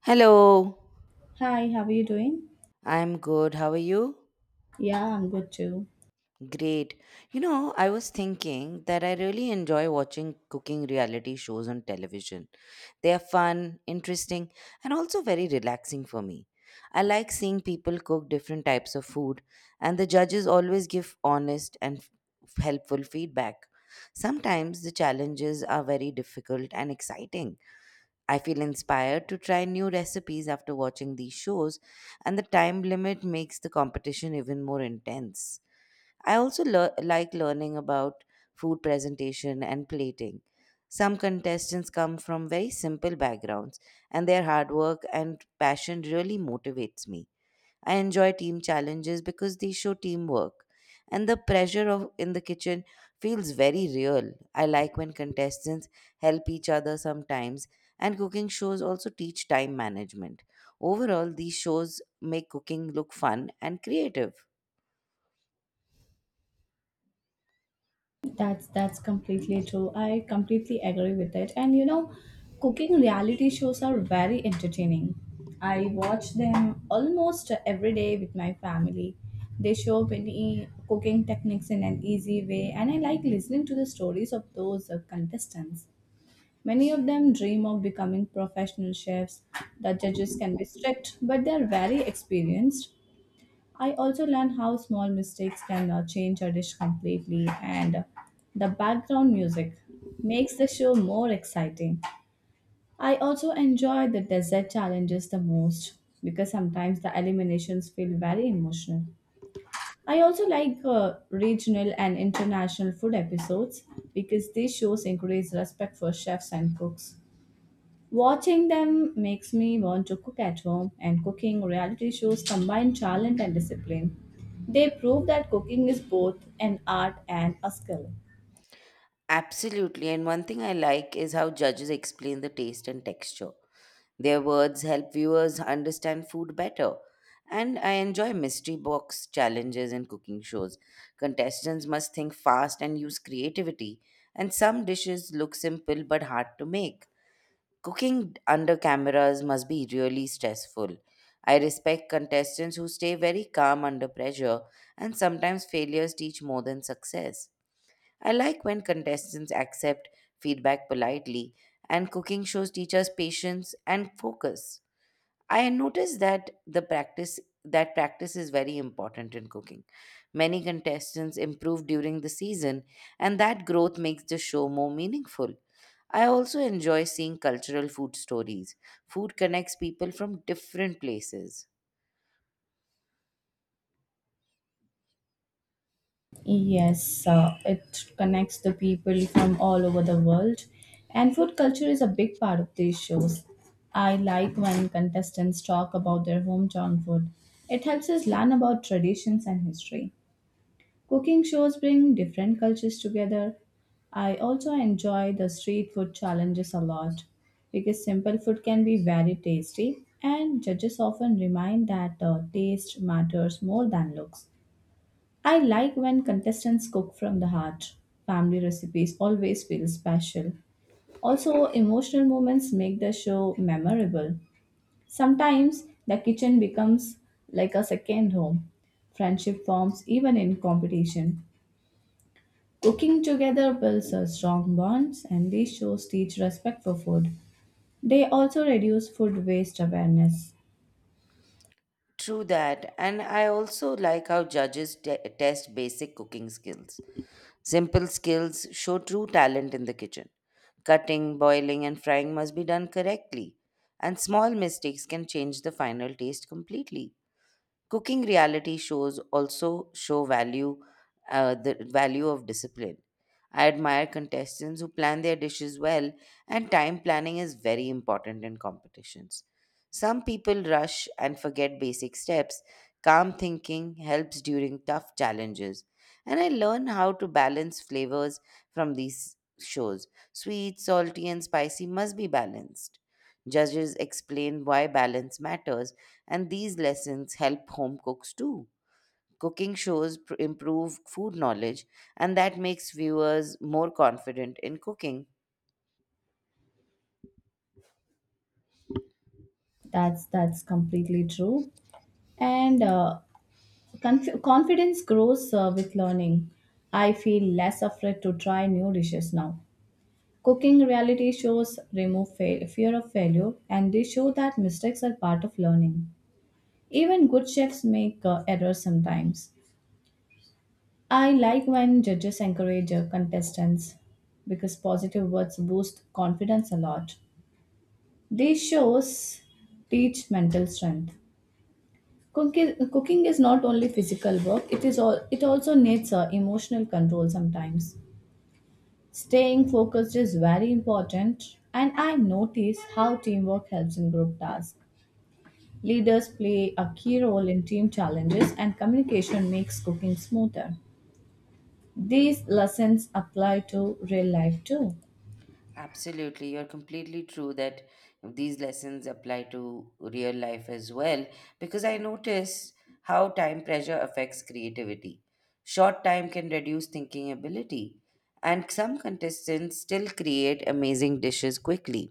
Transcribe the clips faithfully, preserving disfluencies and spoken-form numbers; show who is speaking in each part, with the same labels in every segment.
Speaker 1: Hello,
Speaker 2: Hi, how are you doing?
Speaker 1: I'm good. How are you?
Speaker 2: Yeah, I'm good too.
Speaker 1: Great. You know, I was thinking that I really enjoy watching cooking reality shows on television. They are fun, interesting, and also very relaxing for me. I like seeing people cook different types of food, and the judges always give honest and f- helpful feedback. Sometimes the challenges are very difficult and exciting, I feel inspired to try new recipes after watching these shows, and the time limit makes the competition even more intense. I also lear- like learning about food presentation and plating. Some contestants come from very simple backgrounds, and their hard work and passion really motivates me. I enjoy team challenges because they show teamwork, and the pressure of in the kitchen feels very real. I like when contestants help each other sometimes, and cooking shows also teach time management. Overall, these shows make cooking look fun and creative.
Speaker 2: That's that's completely true. I completely agree with it. And you know, cooking reality shows are very entertaining. I watch them almost every day with my family. They show many cooking techniques in an easy way, and I like listening to the stories of those uh, contestants. Many of them dream of becoming professional chefs. The judges can be strict, but they are very experienced. I also learned how small mistakes can uh, change a dish completely, and the background music makes the show more exciting. I also enjoy the dessert challenges the most because sometimes the eliminations feel very emotional. I also like uh, regional and international food episodes because these shows encourage respect for chefs and cooks. Watching them makes me want to cook at home, and cooking reality shows combine talent and discipline. They prove that cooking is both an art and a skill.
Speaker 1: Absolutely, and one thing I like is how judges explain the taste and texture. Their words help viewers understand food better. And I enjoy mystery box challenges and cooking shows. Contestants must think fast and use creativity. And some dishes look simple but hard to make. Cooking under cameras must be really stressful. I respect contestants who stay very calm under pressure, and sometimes failures teach more than success. I like when contestants accept feedback politely, and cooking shows teach us patience and focus. I noticed that the practice that practice is very important in cooking. Many contestants improve during the season and that growth makes the show more meaningful. I also enjoy seeing cultural food stories. Food connects people from different places.
Speaker 2: Yes, uh, it connects the people from all over the world, and food culture is a big part of these shows. I like when contestants talk about their hometown food. It helps us learn about traditions and history. Cooking shows bring different cultures together. I also enjoy the street food challenges a lot because simple food can be very tasty, and judges often remind that uh, taste matters more than looks. I like when contestants cook from the heart. Family recipes always feel special. Also, emotional moments make the show memorable. Sometimes the kitchen becomes like a second home. Friendship forms even in competition. Cooking together builds a strong bonds, and these shows teach respect for food. They also reduce food waste awareness.
Speaker 1: True that, and I also like how judges te- test basic cooking skills. Simple skills show true talent in the kitchen. Cutting, boiling, and frying must be done correctly, and small mistakes can change the final taste completely. Cooking reality shows also show value, uh, the value of discipline. I admire contestants who plan their dishes well, and time planning is very important in competitions. Some people rush and forget basic steps. Calm thinking helps during tough challenges. And I learn how to balance flavors from these shows. Sweet, salty, and spicy must be balanced. Judges explain why balance matters and these lessons help home cooks too. Cooking shows pr- improve food knowledge, and that makes viewers more confident in cooking.
Speaker 2: That's that's completely true. And uh, conf- confidence grows uh, with learning. I feel less afraid to try new dishes now. Cooking reality shows remove fa- fear of failure, and they show that mistakes are part of learning. Even good chefs make uh, errors sometimes. I like when judges encourage uh, contestants because positive words boost confidence a lot. These shows teach mental strength. Cooking, cooking is not only physical work; it is all. It also needs uh, emotional control sometimes. Staying focused is very important, and I notice how teamwork helps in group tasks. Leaders play a key role in team challenges, and communication makes cooking smoother. These lessons apply to real life too.
Speaker 1: Absolutely, you're completely true that these lessons apply to real life as well because I notice how time pressure affects creativity. Short time can reduce thinking ability, and some contestants still create amazing dishes quickly.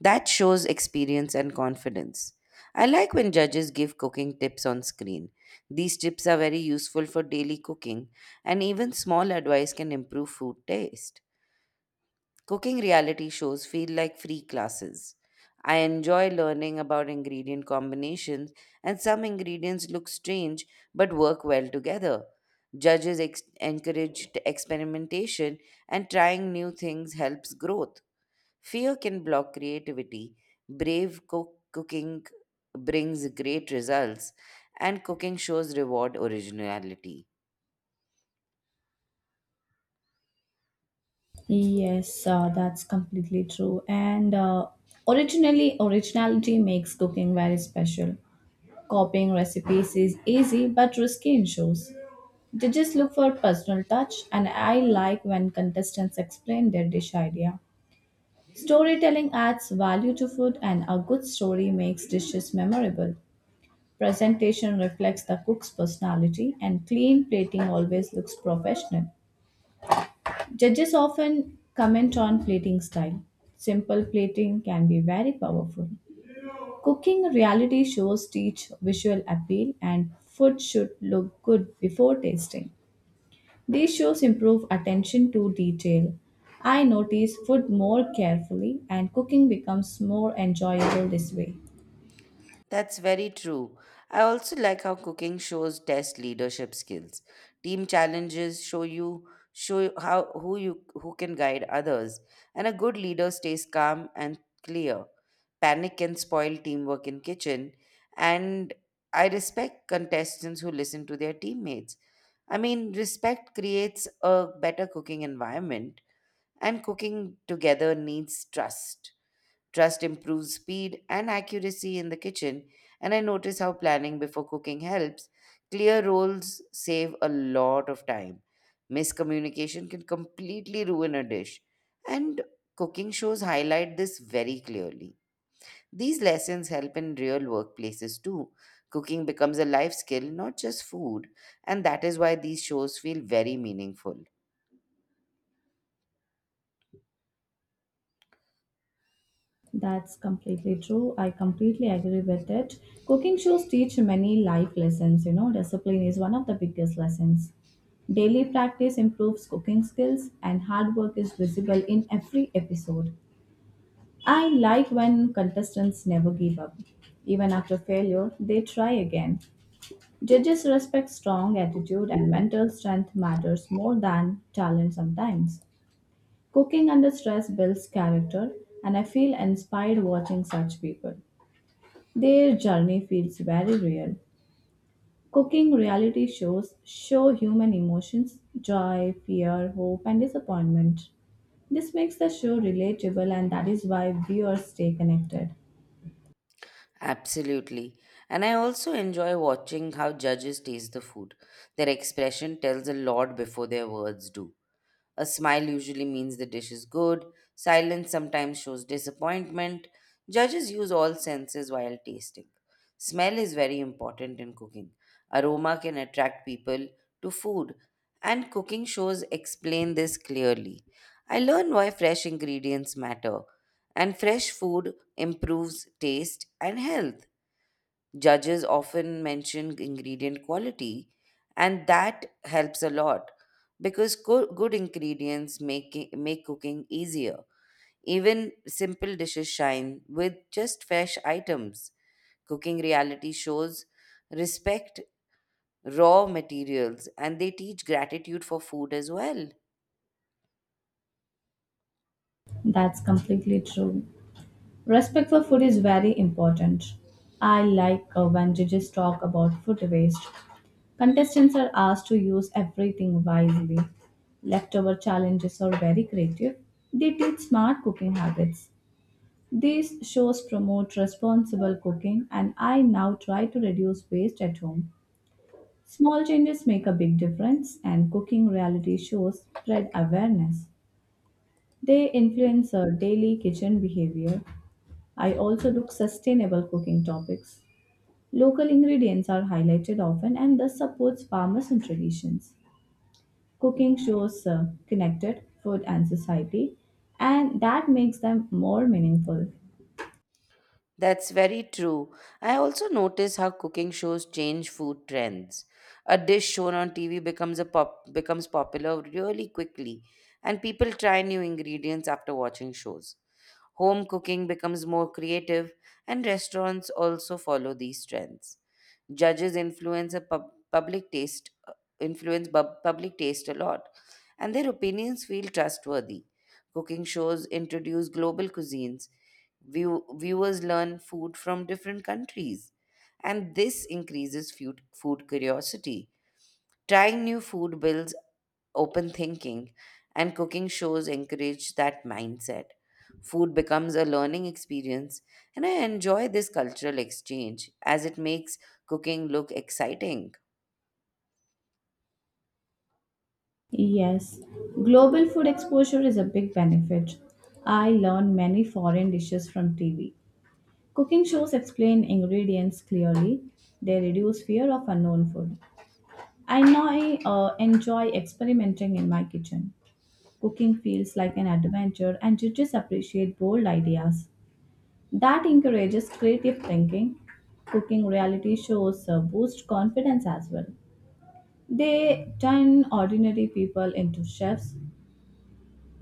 Speaker 1: That shows experience and confidence. I like when judges give cooking tips on screen. These tips are very useful for daily cooking, and even small advice can improve food taste. Cooking reality shows feel like free classes. I enjoy learning about ingredient combinations, and some ingredients look strange but work well together. Judges ex- encourage experimentation, and trying new things helps growth. Fear can block creativity. Brave cook- cooking brings great results, and cooking shows reward originality.
Speaker 2: Yes, uh, that's completely true. And uh, originally, originality makes cooking very special. Copying recipes is easy but risky in shows. They just look for personal touch, and I like when contestants explain their dish idea. Storytelling adds value to food, and a good story makes dishes memorable. Presentation reflects the cook's personality, and clean plating always looks professional. Judges often comment on plating style. Simple plating can be very powerful. Cooking reality shows teach visual appeal, and food should look good before tasting. These shows improve attention to detail. I notice food more carefully, and cooking becomes more enjoyable this way.
Speaker 1: That's very true. I also like how cooking shows test leadership skills. Team challenges show you show you how who you who can guide others, and a good leader stays calm and clear. Panic can spoil teamwork in kitchen, and I respect contestants who listen to their teammates. I mean, respect creates a better cooking environment, and cooking together needs trust. Trust improves speed and accuracy in the kitchen, and I notice how planning before cooking helps. Clear roles save a lot of time. Miscommunication can completely ruin a dish, and cooking shows highlight this very clearly. These lessons help in real workplaces too. Cooking becomes a life skill, not just food, and that is why these shows feel very meaningful.
Speaker 2: That's completely true. I completely agree with it. Cooking shows teach many life lessons, you know. Discipline is one of the biggest lessons. Daily practice improves cooking skills, and hard work is visible in every episode. I like when contestants never give up. Even after failure, they try again. Judges respect strong attitude, and mental strength matters more than talent sometimes. Cooking under stress builds character, and I feel inspired watching such people. Their journey feels very real. Cooking reality shows show human emotions, joy, fear, hope, and disappointment. This makes the show relatable, and that is why viewers stay connected.
Speaker 1: Absolutely. And I also enjoy watching how judges taste the food. Their expression tells a lot before their words do. A smile usually means the dish is good. Silence sometimes shows disappointment. Judges use all senses while tasting. Smell is very important in cooking. Aroma can attract people to food, and cooking shows explain this clearly. I learned why fresh ingredients matter, and fresh food improves taste and health. Judges often mention ingredient quality, and that helps a lot because co- good ingredients make, it- make cooking easier. Even simple dishes shine with just fresh items. Cooking reality shows respect raw materials and they teach gratitude for food as well.
Speaker 2: That's completely true. Respect for food is very important. I like uh, when judges talk about food waste. Contestants are asked to use everything wisely. Leftover challenges are very creative. They teach smart cooking habits. These shows promote responsible cooking, and I now try to reduce waste at home. Small changes make a big difference, and cooking reality shows spread awareness. They influence our daily kitchen behavior. I also look sustainable cooking topics. Local ingredients are highlighted often, and thus supports farmers and traditions. Cooking shows uh, connected food and society, and that makes them more meaningful.
Speaker 1: That's very true. I also notice how cooking shows change food trends. A dish shown on T V becomes a pop becomes popular really quickly, and people try new ingredients after watching shows. Home cooking becomes more creative, and restaurants also follow these trends. Judges influence a pub- public taste, uh, influence bub- public taste a lot, and their opinions feel trustworthy. Cooking shows introduce global cuisines. View- viewers learn food from different countries, and this increases food, food curiosity. Trying new food builds open thinking, and cooking shows encourage that mindset. Food becomes a learning experience, and I enjoy this cultural exchange as it makes cooking look exciting.
Speaker 2: Yes, global food exposure is a big benefit. I learn many foreign dishes from T V. Cooking shows explain ingredients clearly. They reduce fear of unknown food. I now uh, enjoy experimenting in my kitchen. Cooking feels like an adventure, and judges appreciate bold ideas. That encourages creative thinking. Cooking reality shows uh, boost confidence as well. They turn ordinary people into chefs.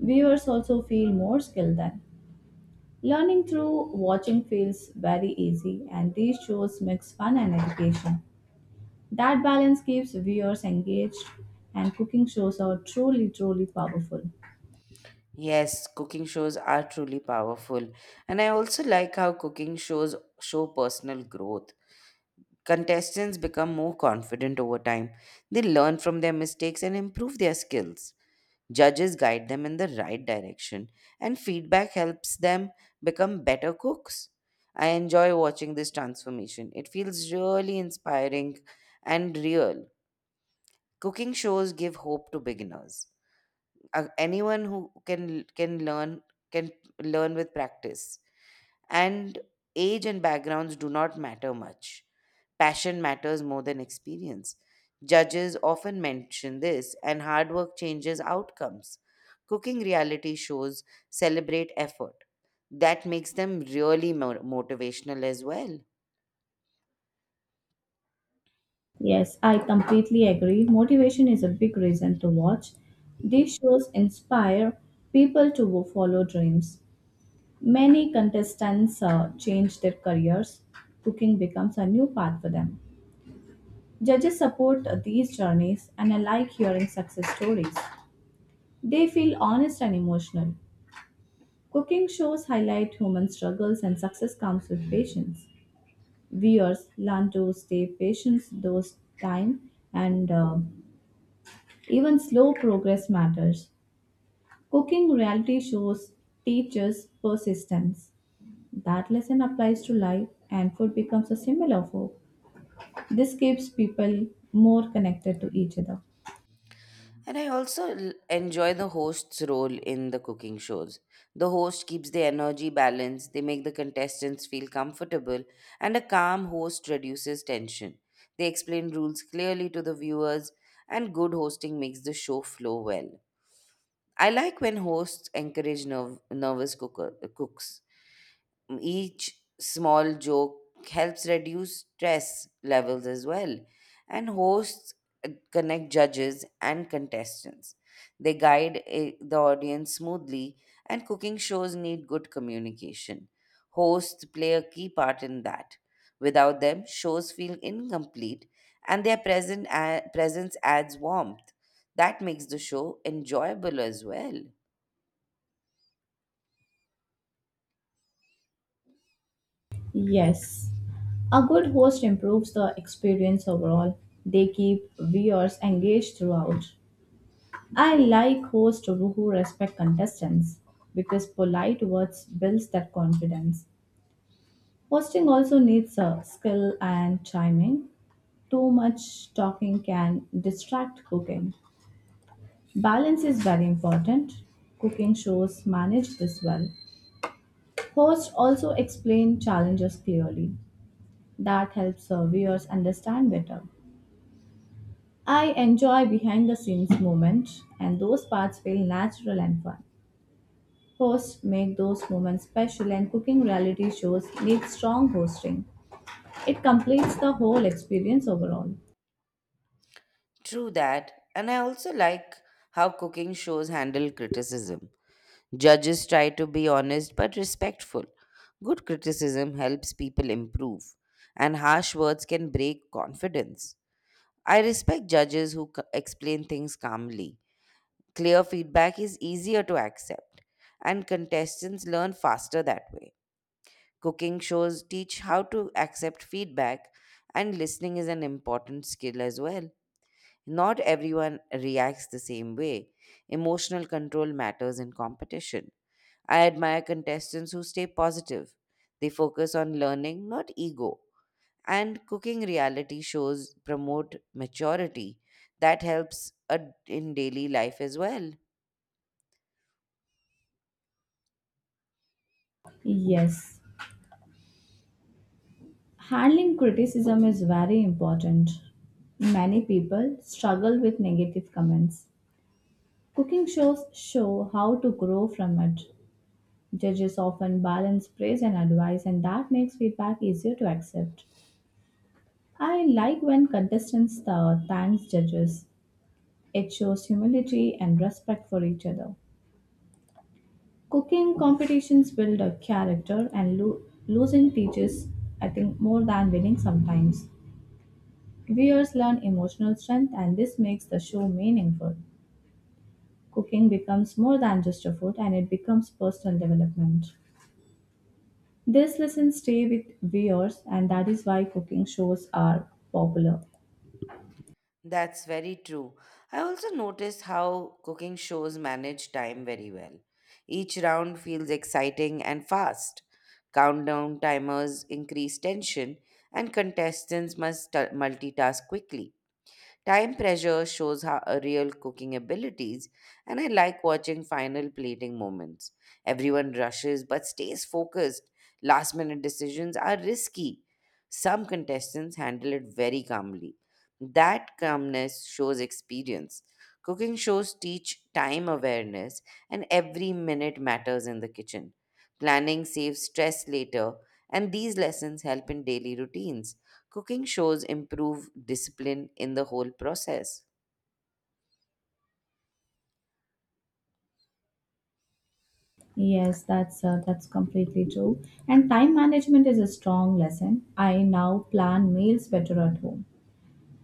Speaker 2: Viewers also feel more skilled then. Learning through watching feels very easy, and these shows mix fun and education. That balance keeps viewers engaged, and cooking shows are truly, truly powerful.
Speaker 1: Yes, cooking shows are truly powerful, and I also like how cooking shows show personal growth. Contestants become more confident over time. They learn from their mistakes and improve their skills. Judges guide them in the right direction, and feedback helps them become better cooks. I enjoy watching this transformation. It feels really inspiring and real. Cooking shows give hope to beginners. Uh, anyone who can can learn can learn with practice. And age and backgrounds do not matter much. Passion matters more than experience. Judges often mention this, and hard work changes outcomes. Cooking reality shows celebrate effort. That makes them really mo- motivational as well.
Speaker 2: Yes, I completely agree. Motivation is a big reason to watch. These shows inspire people to follow dreams. Many contestants uh, change their careers. Cooking becomes a new path for them. Judges support these journeys, and I like hearing success stories. They feel honest and emotional. Cooking shows highlight human struggles, and success comes with patience. Viewers learn to stay patient those time, and uh, even slow progress matters. Cooking reality shows teaches persistence. That lesson applies to life, and food becomes a symbol of hope. This keeps people more connected to each other.
Speaker 1: And I also l- enjoy the host's role in the cooking shows. The host keeps the energy balanced, they make the contestants feel comfortable, and a calm host reduces tension. They explain rules clearly to the viewers, and good hosting makes the show flow well. I like when hosts encourage nerv- nervous cooker- cooks, each small joke helps reduce stress levels as well, and hosts uh, connect judges and contestants. They guide uh, the audience smoothly, and cooking shows need good communication. Hosts play a key part in that. Without them shows feel incomplete, and their present a- presence adds warmth that makes the show enjoyable as well.
Speaker 2: Yes, a good host improves the experience overall. They keep viewers engaged throughout. I like hosts who respect contestants because polite words builds that confidence. Hosting also needs a skill and timing. Too much talking can distract cooking. Balance is very important. Cooking shows manage this well. Hosts also explain challenges clearly. That helps our viewers understand better. I enjoy behind the scenes moments, and those parts feel natural and fun. Hosts make those moments special, and cooking reality shows need strong hosting. It completes the whole experience overall.
Speaker 1: True that. And I also like how cooking shows handle criticism. Judges try to be honest but respectful. Good criticism helps people improve, and harsh words can break confidence. I respect judges who c- explain things calmly. Clear feedback is easier to accept, and contestants learn faster that way. Cooking shows teach how to accept feedback, and listening is an important skill as well. Not everyone reacts the same way. Emotional control matters in competition. I admire contestants who stay positive. They focus on learning, not ego. And cooking reality shows promote maturity. That helps uh, in daily life as well.
Speaker 2: Yes, handling criticism is very important. Many people struggle with negative comments. Cooking shows show how to grow from it. Judges often balance praise and advice, and that makes feedback easier to accept. I like when contestants uh, thanks judges. It shows humility and respect for each other. Cooking competitions build a character, and lo- losing teaches, I think, more than winning sometimes. Viewers learn emotional strength, and this makes the show meaningful. Cooking becomes more than just a food, and it becomes personal development. This lessons stay with viewers, and that is why cooking shows are popular.
Speaker 1: That's very true. I also noticed how cooking shows manage time very well. Each round feels exciting and fast. Countdown timers increase tension, and contestants must ta- multitask quickly. Time pressure shows how uh, real cooking abilities, and I like watching final plating moments. Everyone rushes but stays focused. Last minute decisions are risky. Some contestants handle it very calmly. That calmness shows experience. Cooking shows teach time awareness, and every minute matters in the kitchen. Planning saves stress later, and these lessons help in daily routines. Cooking shows improve discipline in the whole process.
Speaker 2: Yes, that's uh, that's completely true. And time management is a strong lesson. I now plan meals better at home.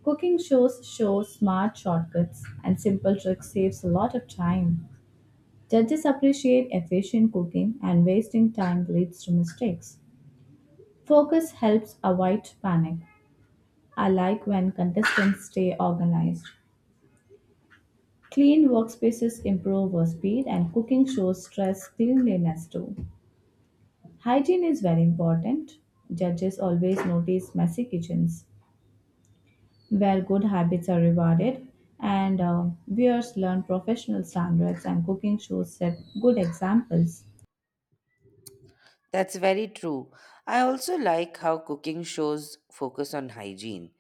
Speaker 2: Cooking shows show smart shortcuts, and simple tricks saves a lot of time. Judges appreciate efficient cooking, and wasting time leads to mistakes. Focus helps avoid panic. I like when contestants stay organized. Clean workspaces improve our speed, and cooking shows stress cleanliness too. Hygiene is very important. Judges always notice messy kitchens where good habits are rewarded, and uh, viewers learn professional standards, and cooking shows set good examples.
Speaker 1: That's very true. I also like how cooking shows focus on hygiene.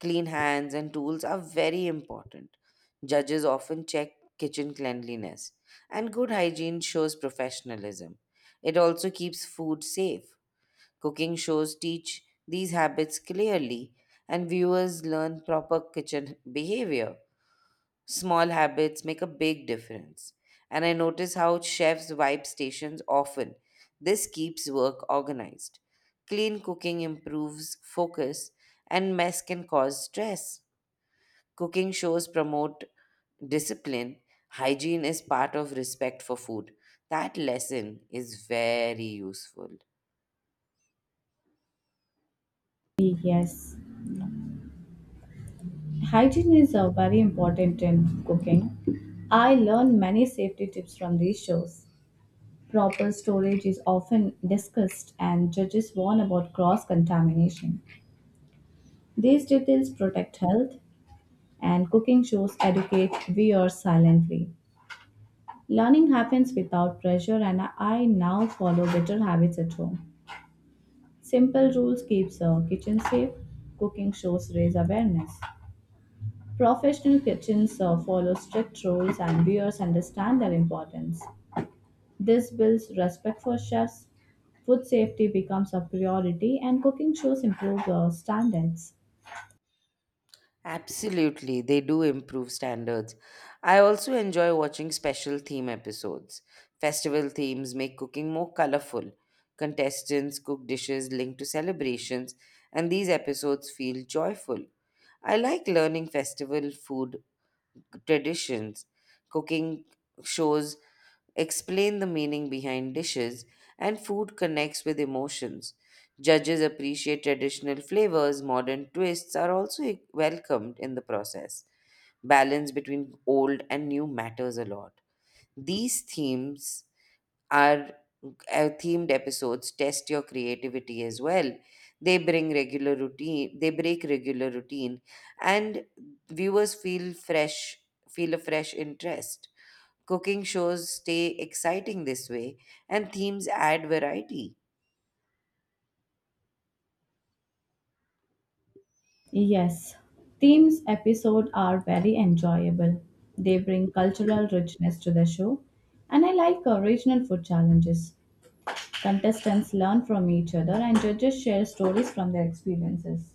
Speaker 1: Clean hands and tools are very important. Judges often check kitchen cleanliness, and good hygiene shows professionalism. It also keeps food safe. Cooking shows teach these habits clearly, and viewers learn proper kitchen behavior. Small habits make a big difference. And I notice how chefs wipe stations often. This keeps work organized. Clean cooking improves focus, and mess can cause stress. Cooking shows promote discipline. Hygiene is part of respect for food. That lesson is very useful.
Speaker 2: Yes, hygiene is uh, very important in cooking. I learn many safety tips from these shows. Proper storage is often discussed, and judges warn about cross contamination. These details protect health, and cooking shows educate viewers silently. Learning happens without pressure, and I now follow better habits at home. Simple rules keeps a kitchen safe. Cooking shows raise awareness. Professional kitchens uh, follow strict rules, and viewers understand their importance. This builds respect for chefs. Food safety becomes a priority, and cooking shows improve uh, standards.
Speaker 1: Absolutely, they do improve standards. I also enjoy watching special theme episodes. Festival themes make cooking more colorful. Contestants cook dishes linked to celebrations, and these episodes feel joyful. I like learning festival food traditions, cooking shows explain the meaning behind dishes, and food connects with emotions. Judges appreciate traditional flavors, modern twists are also e- welcomed in the process. Balance between old and new matters a lot. These themes our uh, themed episodes test your creativity as well. They bring regular routine, they break regular routine, and viewers feel fresh, feel a fresh interest. Cooking shows stay exciting this way, and themes add variety.
Speaker 2: Yes, themes episodes are very enjoyable. They bring cultural richness to the show, and I like uh, regional food challenges. Contestants learn from each other, and judges share stories from their experiences.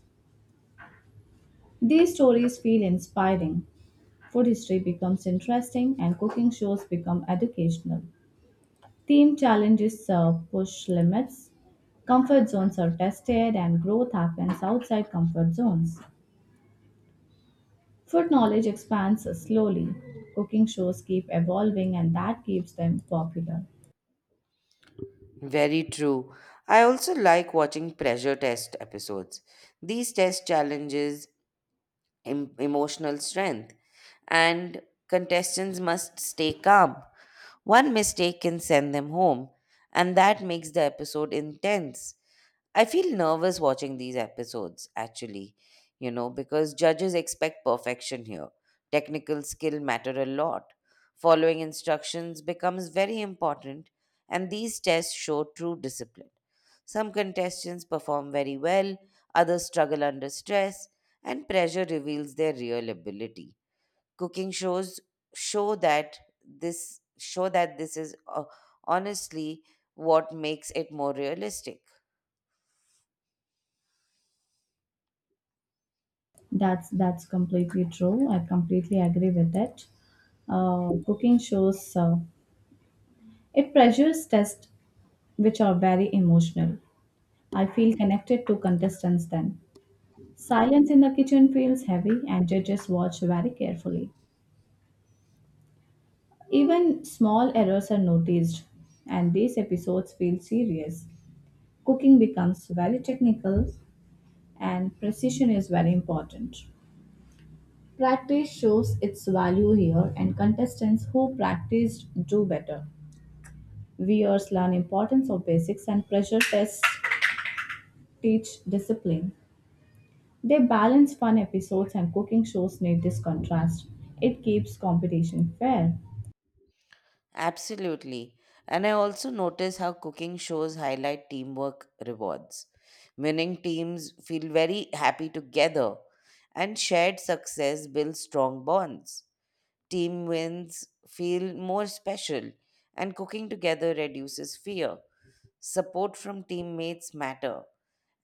Speaker 2: These stories feel inspiring. Food history becomes interesting, and cooking shows become educational. Theme challenges uh, push limits, comfort zones are tested, and growth happens outside comfort zones. Food knowledge expands slowly. Cooking shows keep evolving, and that keeps them popular.
Speaker 1: Very true. I also like watching pressure test episodes. These test challenges em- emotional strength, and contestants must stay calm. One mistake can send them home, and that makes the episode intense. I feel nervous watching these episodes, actually, you know, because judges expect perfection here. Technical skill matter a lot. Following instructions becomes very important, and these tests show true discipline. Some contestants perform very well, others struggle under stress, and pressure reveals their real ability. Cooking shows show that this show that this is uh, honestly what makes it more realistic.
Speaker 2: That's that's completely true. I completely agree with it. Uh, cooking shows uh, it pressures tests which are very emotional. I feel connected to contestants then. Silence in the kitchen feels heavy, and judges watch very carefully. Even small errors are noticed, and these episodes feel serious. Cooking becomes very technical, and precision is very important. Practice shows its value here, and contestants who practiced do better. Viewers learn importance of basics, and pressure tests teach discipline. They balance fun episodes, and cooking shows need this contrast. It keeps competition fair.
Speaker 1: Absolutely, and I also notice how cooking shows highlight teamwork rewards. Winning teams feel very happy together, and shared success builds strong bonds. Team wins feel more special, and cooking together reduces fear. Support from teammates matter,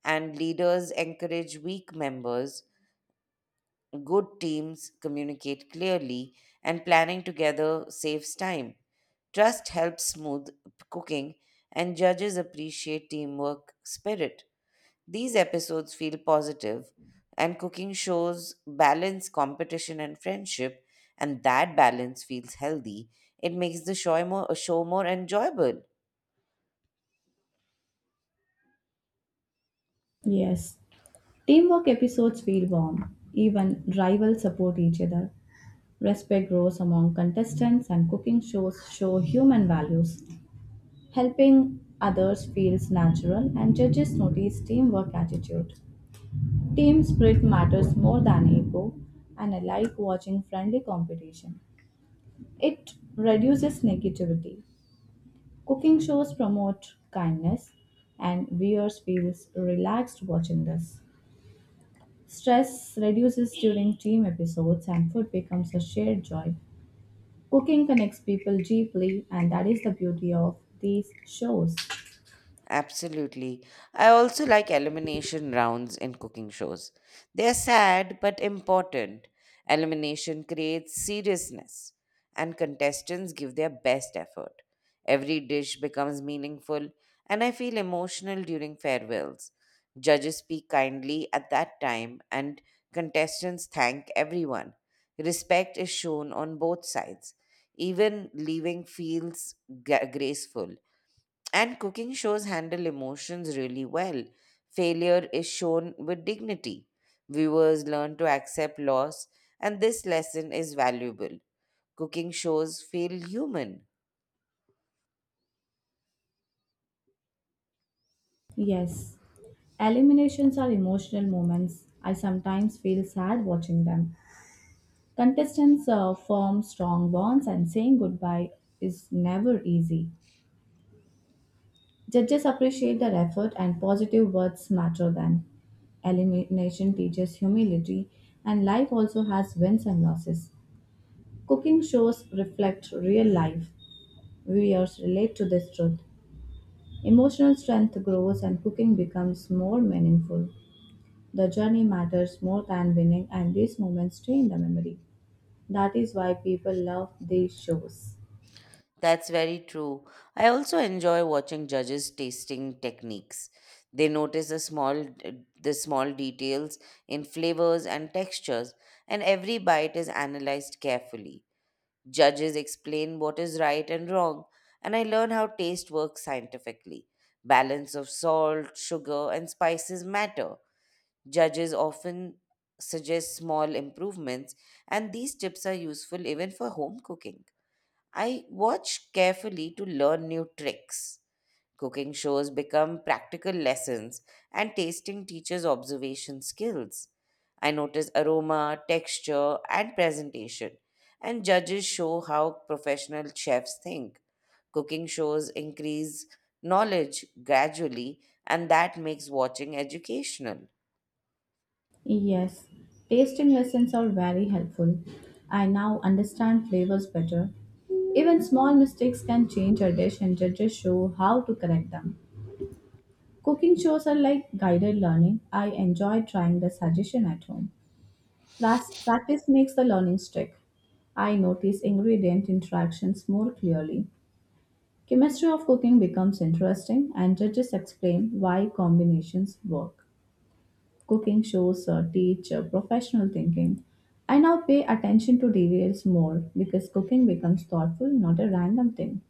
Speaker 1: and leaders encourage weak members. Good teams communicate clearly, and planning together saves time. Trust helps smooth cooking, and judges appreciate teamwork spirit. These episodes feel positive, and cooking shows balance, competition, and friendship, and that balance feels healthy. It makes the show more, show more enjoyable.
Speaker 2: Yes, teamwork episodes feel warm. Even rivals support each other. Respect grows among contestants, and cooking shows show human values. Helping others feels natural, and judges notice teamwork attitude. Team spirit matters more than ego, and I like watching friendly competition. It reduces negativity. Cooking shows promote kindness, and viewers feels relaxed watching this. Stress reduces during team episodes, and food becomes a shared joy. Cooking connects people deeply, and that is the beauty of these shows.
Speaker 1: Absolutely. I also like elimination rounds in cooking shows. They're sad but important. Elimination creates seriousness, and contestants give their best effort. Every dish becomes meaningful, and I feel emotional during farewells. Judges speak kindly at that time, and contestants thank everyone. Respect is shown on both sides. Even leaving feels gra- graceful, and cooking shows handle emotions really well. Failure is shown with dignity. Viewers learn to accept loss, and this lesson is valuable. Cooking shows feel human.
Speaker 2: Yes, eliminations are emotional moments. I sometimes feel sad watching them. Contestants uh, form strong bonds, and saying goodbye is never easy. Judges appreciate their effort, and positive words matter then. Elimination teaches humility, and life also has wins and losses. Cooking shows reflect real life. Viewers relate to this truth. Emotional strength grows, and cooking becomes more meaningful. The journey matters more than winning, and these moments stay in the memory. That is why people love these shows.
Speaker 1: That's very true. I also enjoy watching judges tasting techniques. They notice the small the small details in flavors and textures, and every bite is analyzed carefully. Judges explain what is right and wrong, and I learn how taste works scientifically. Balance of salt, sugar, and spices matter. Judges often suggest small improvements, and these tips are useful even for home cooking. I watch carefully to learn new tricks. Cooking shows become practical lessons, and tasting teaches observation skills. I notice aroma, texture, and presentation, and judges show how professional chefs think. Cooking shows increase knowledge gradually, and that makes watching educational.
Speaker 2: Yes, tasting lessons are very helpful. I now understand flavors better. Even small mistakes can change a dish, and judges show how to correct them. Cooking shows are like guided learning. I enjoy trying the suggestion at home. Pras- Practice makes the learning stick. I notice ingredient interactions more clearly. Chemistry of cooking becomes interesting, and judges explain why combinations work. Cooking shows uh, teach uh, professional thinking. I now pay attention to details more because cooking becomes thoughtful, not a random thing.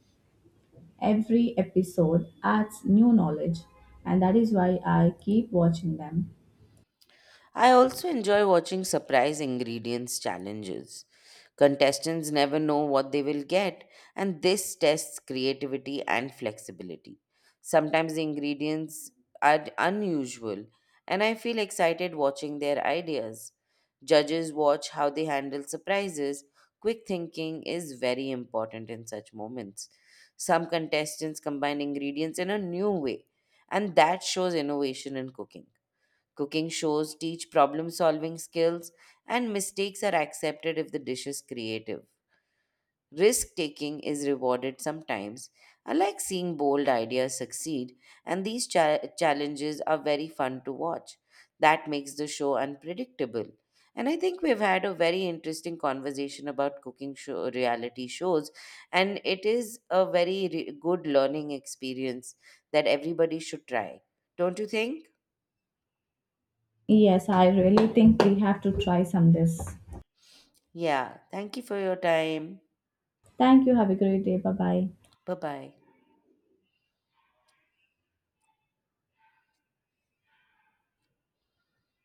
Speaker 2: Every episode adds new knowledge, and that is why I keep watching them.
Speaker 1: I also enjoy watching surprise ingredients challenges. Contestants never know what they will get, and this tests creativity and flexibility. Sometimes the ingredients are unusual, and I feel excited watching their ideas. Judges watch how they handle surprises. Quick thinking is very important in such moments. Some contestants combine ingredients in a new way, and that shows innovation in cooking. Cooking shows teach problem solving skills, and mistakes are accepted if the dish is creative. Risk taking is rewarded sometimes. I like seeing bold ideas succeed, and these cha- challenges are very fun to watch. That makes the show unpredictable. And I think we've had a very interesting conversation about cooking show reality shows, and it is a very re- good learning experience that everybody should try. Don't you think?
Speaker 2: Yes, I really think we have to try some this.
Speaker 1: Yeah. Thank you for your time.
Speaker 2: Thank you. Have a great day. Bye bye.
Speaker 1: Bye bye.